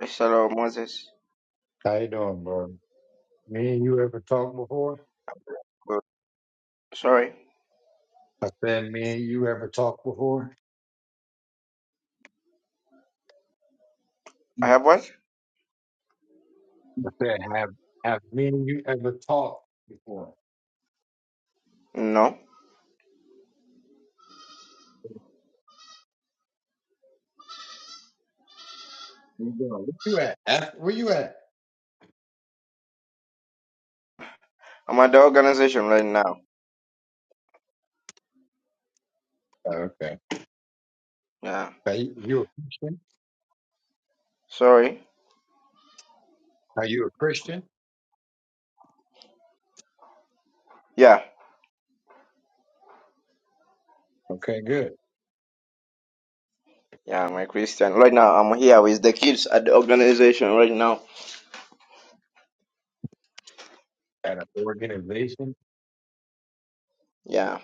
Yes, Hello, Moses. How you doing, bro? Me and you ever talked before? Good. Sorry. I said, me and you ever talked before? I I have what? said, have have me and you ever talked before? No. Where you going? Where you at? F- Where you at? I'm at the organization right now. Oh, Okay. Yeah. Are you, you a Christian? Sorry. Are you a Christian? Yeah. Okay, good. Yeah, I'm a Christian. Right now, I'm here with the kids at the organization right now. At an organization? Yeah.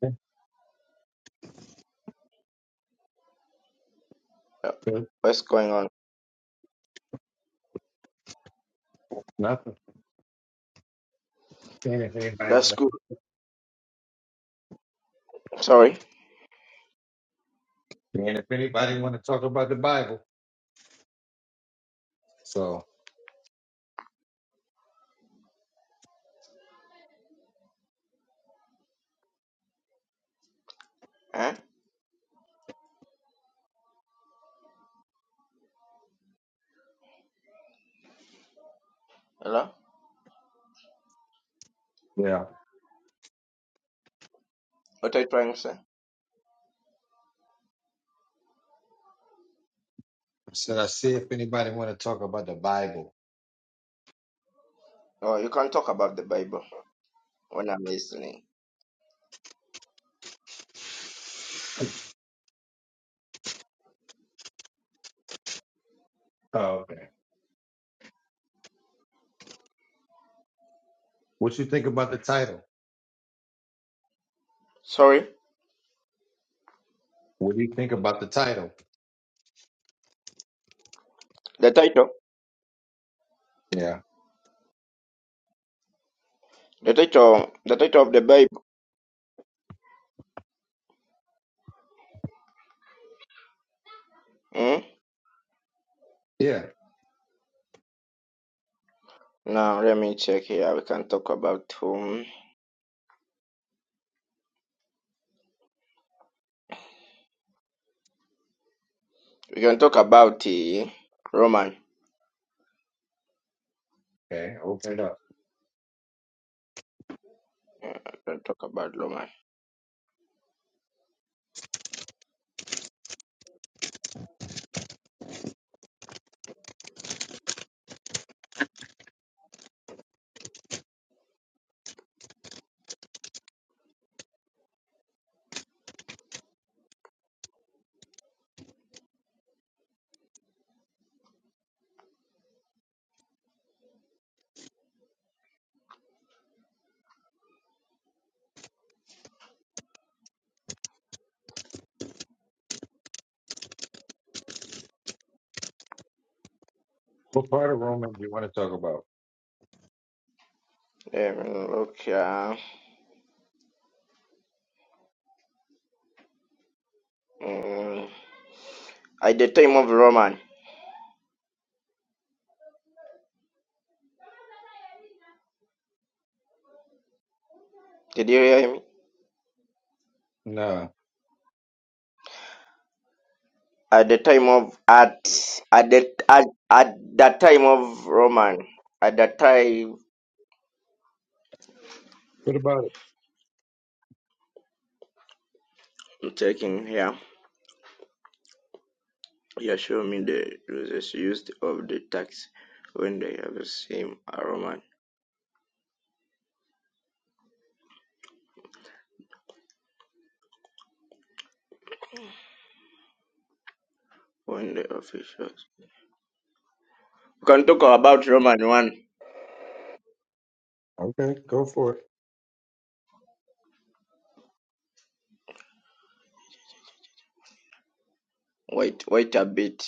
Uh, Good. What's going on? Nothing. Seeing if anybody, That's good. Sorry. seeing if anybody want to talk about the Bible. So Huh? Hello? yeah, What are you trying to say? I said I see if anybody want to talk about the Bible. Oh, you can't talk about the Bible when I'm listening. Oh, okay. What you think about the title? Sorry. What do you think about the title? The title? Yeah. The title. The title of the Bible. Hmm? Yeah. Now, let me check here. We can talk about whom. We can talk about uh, Roman. Okay. Open it up. We can talk about Roman. What part of Romans do you want to talk about? Let me look here. Mm. At the time of Roman, did you hear me? Nah. At the time of at at the at, at the time of Roman. At the time What about it? I'm checking here. Yeah, show me the uses used of the tax when they have the same a Roman when the officials. We can talk about Roman one. Okay. Go for it. Wait, wait a bit.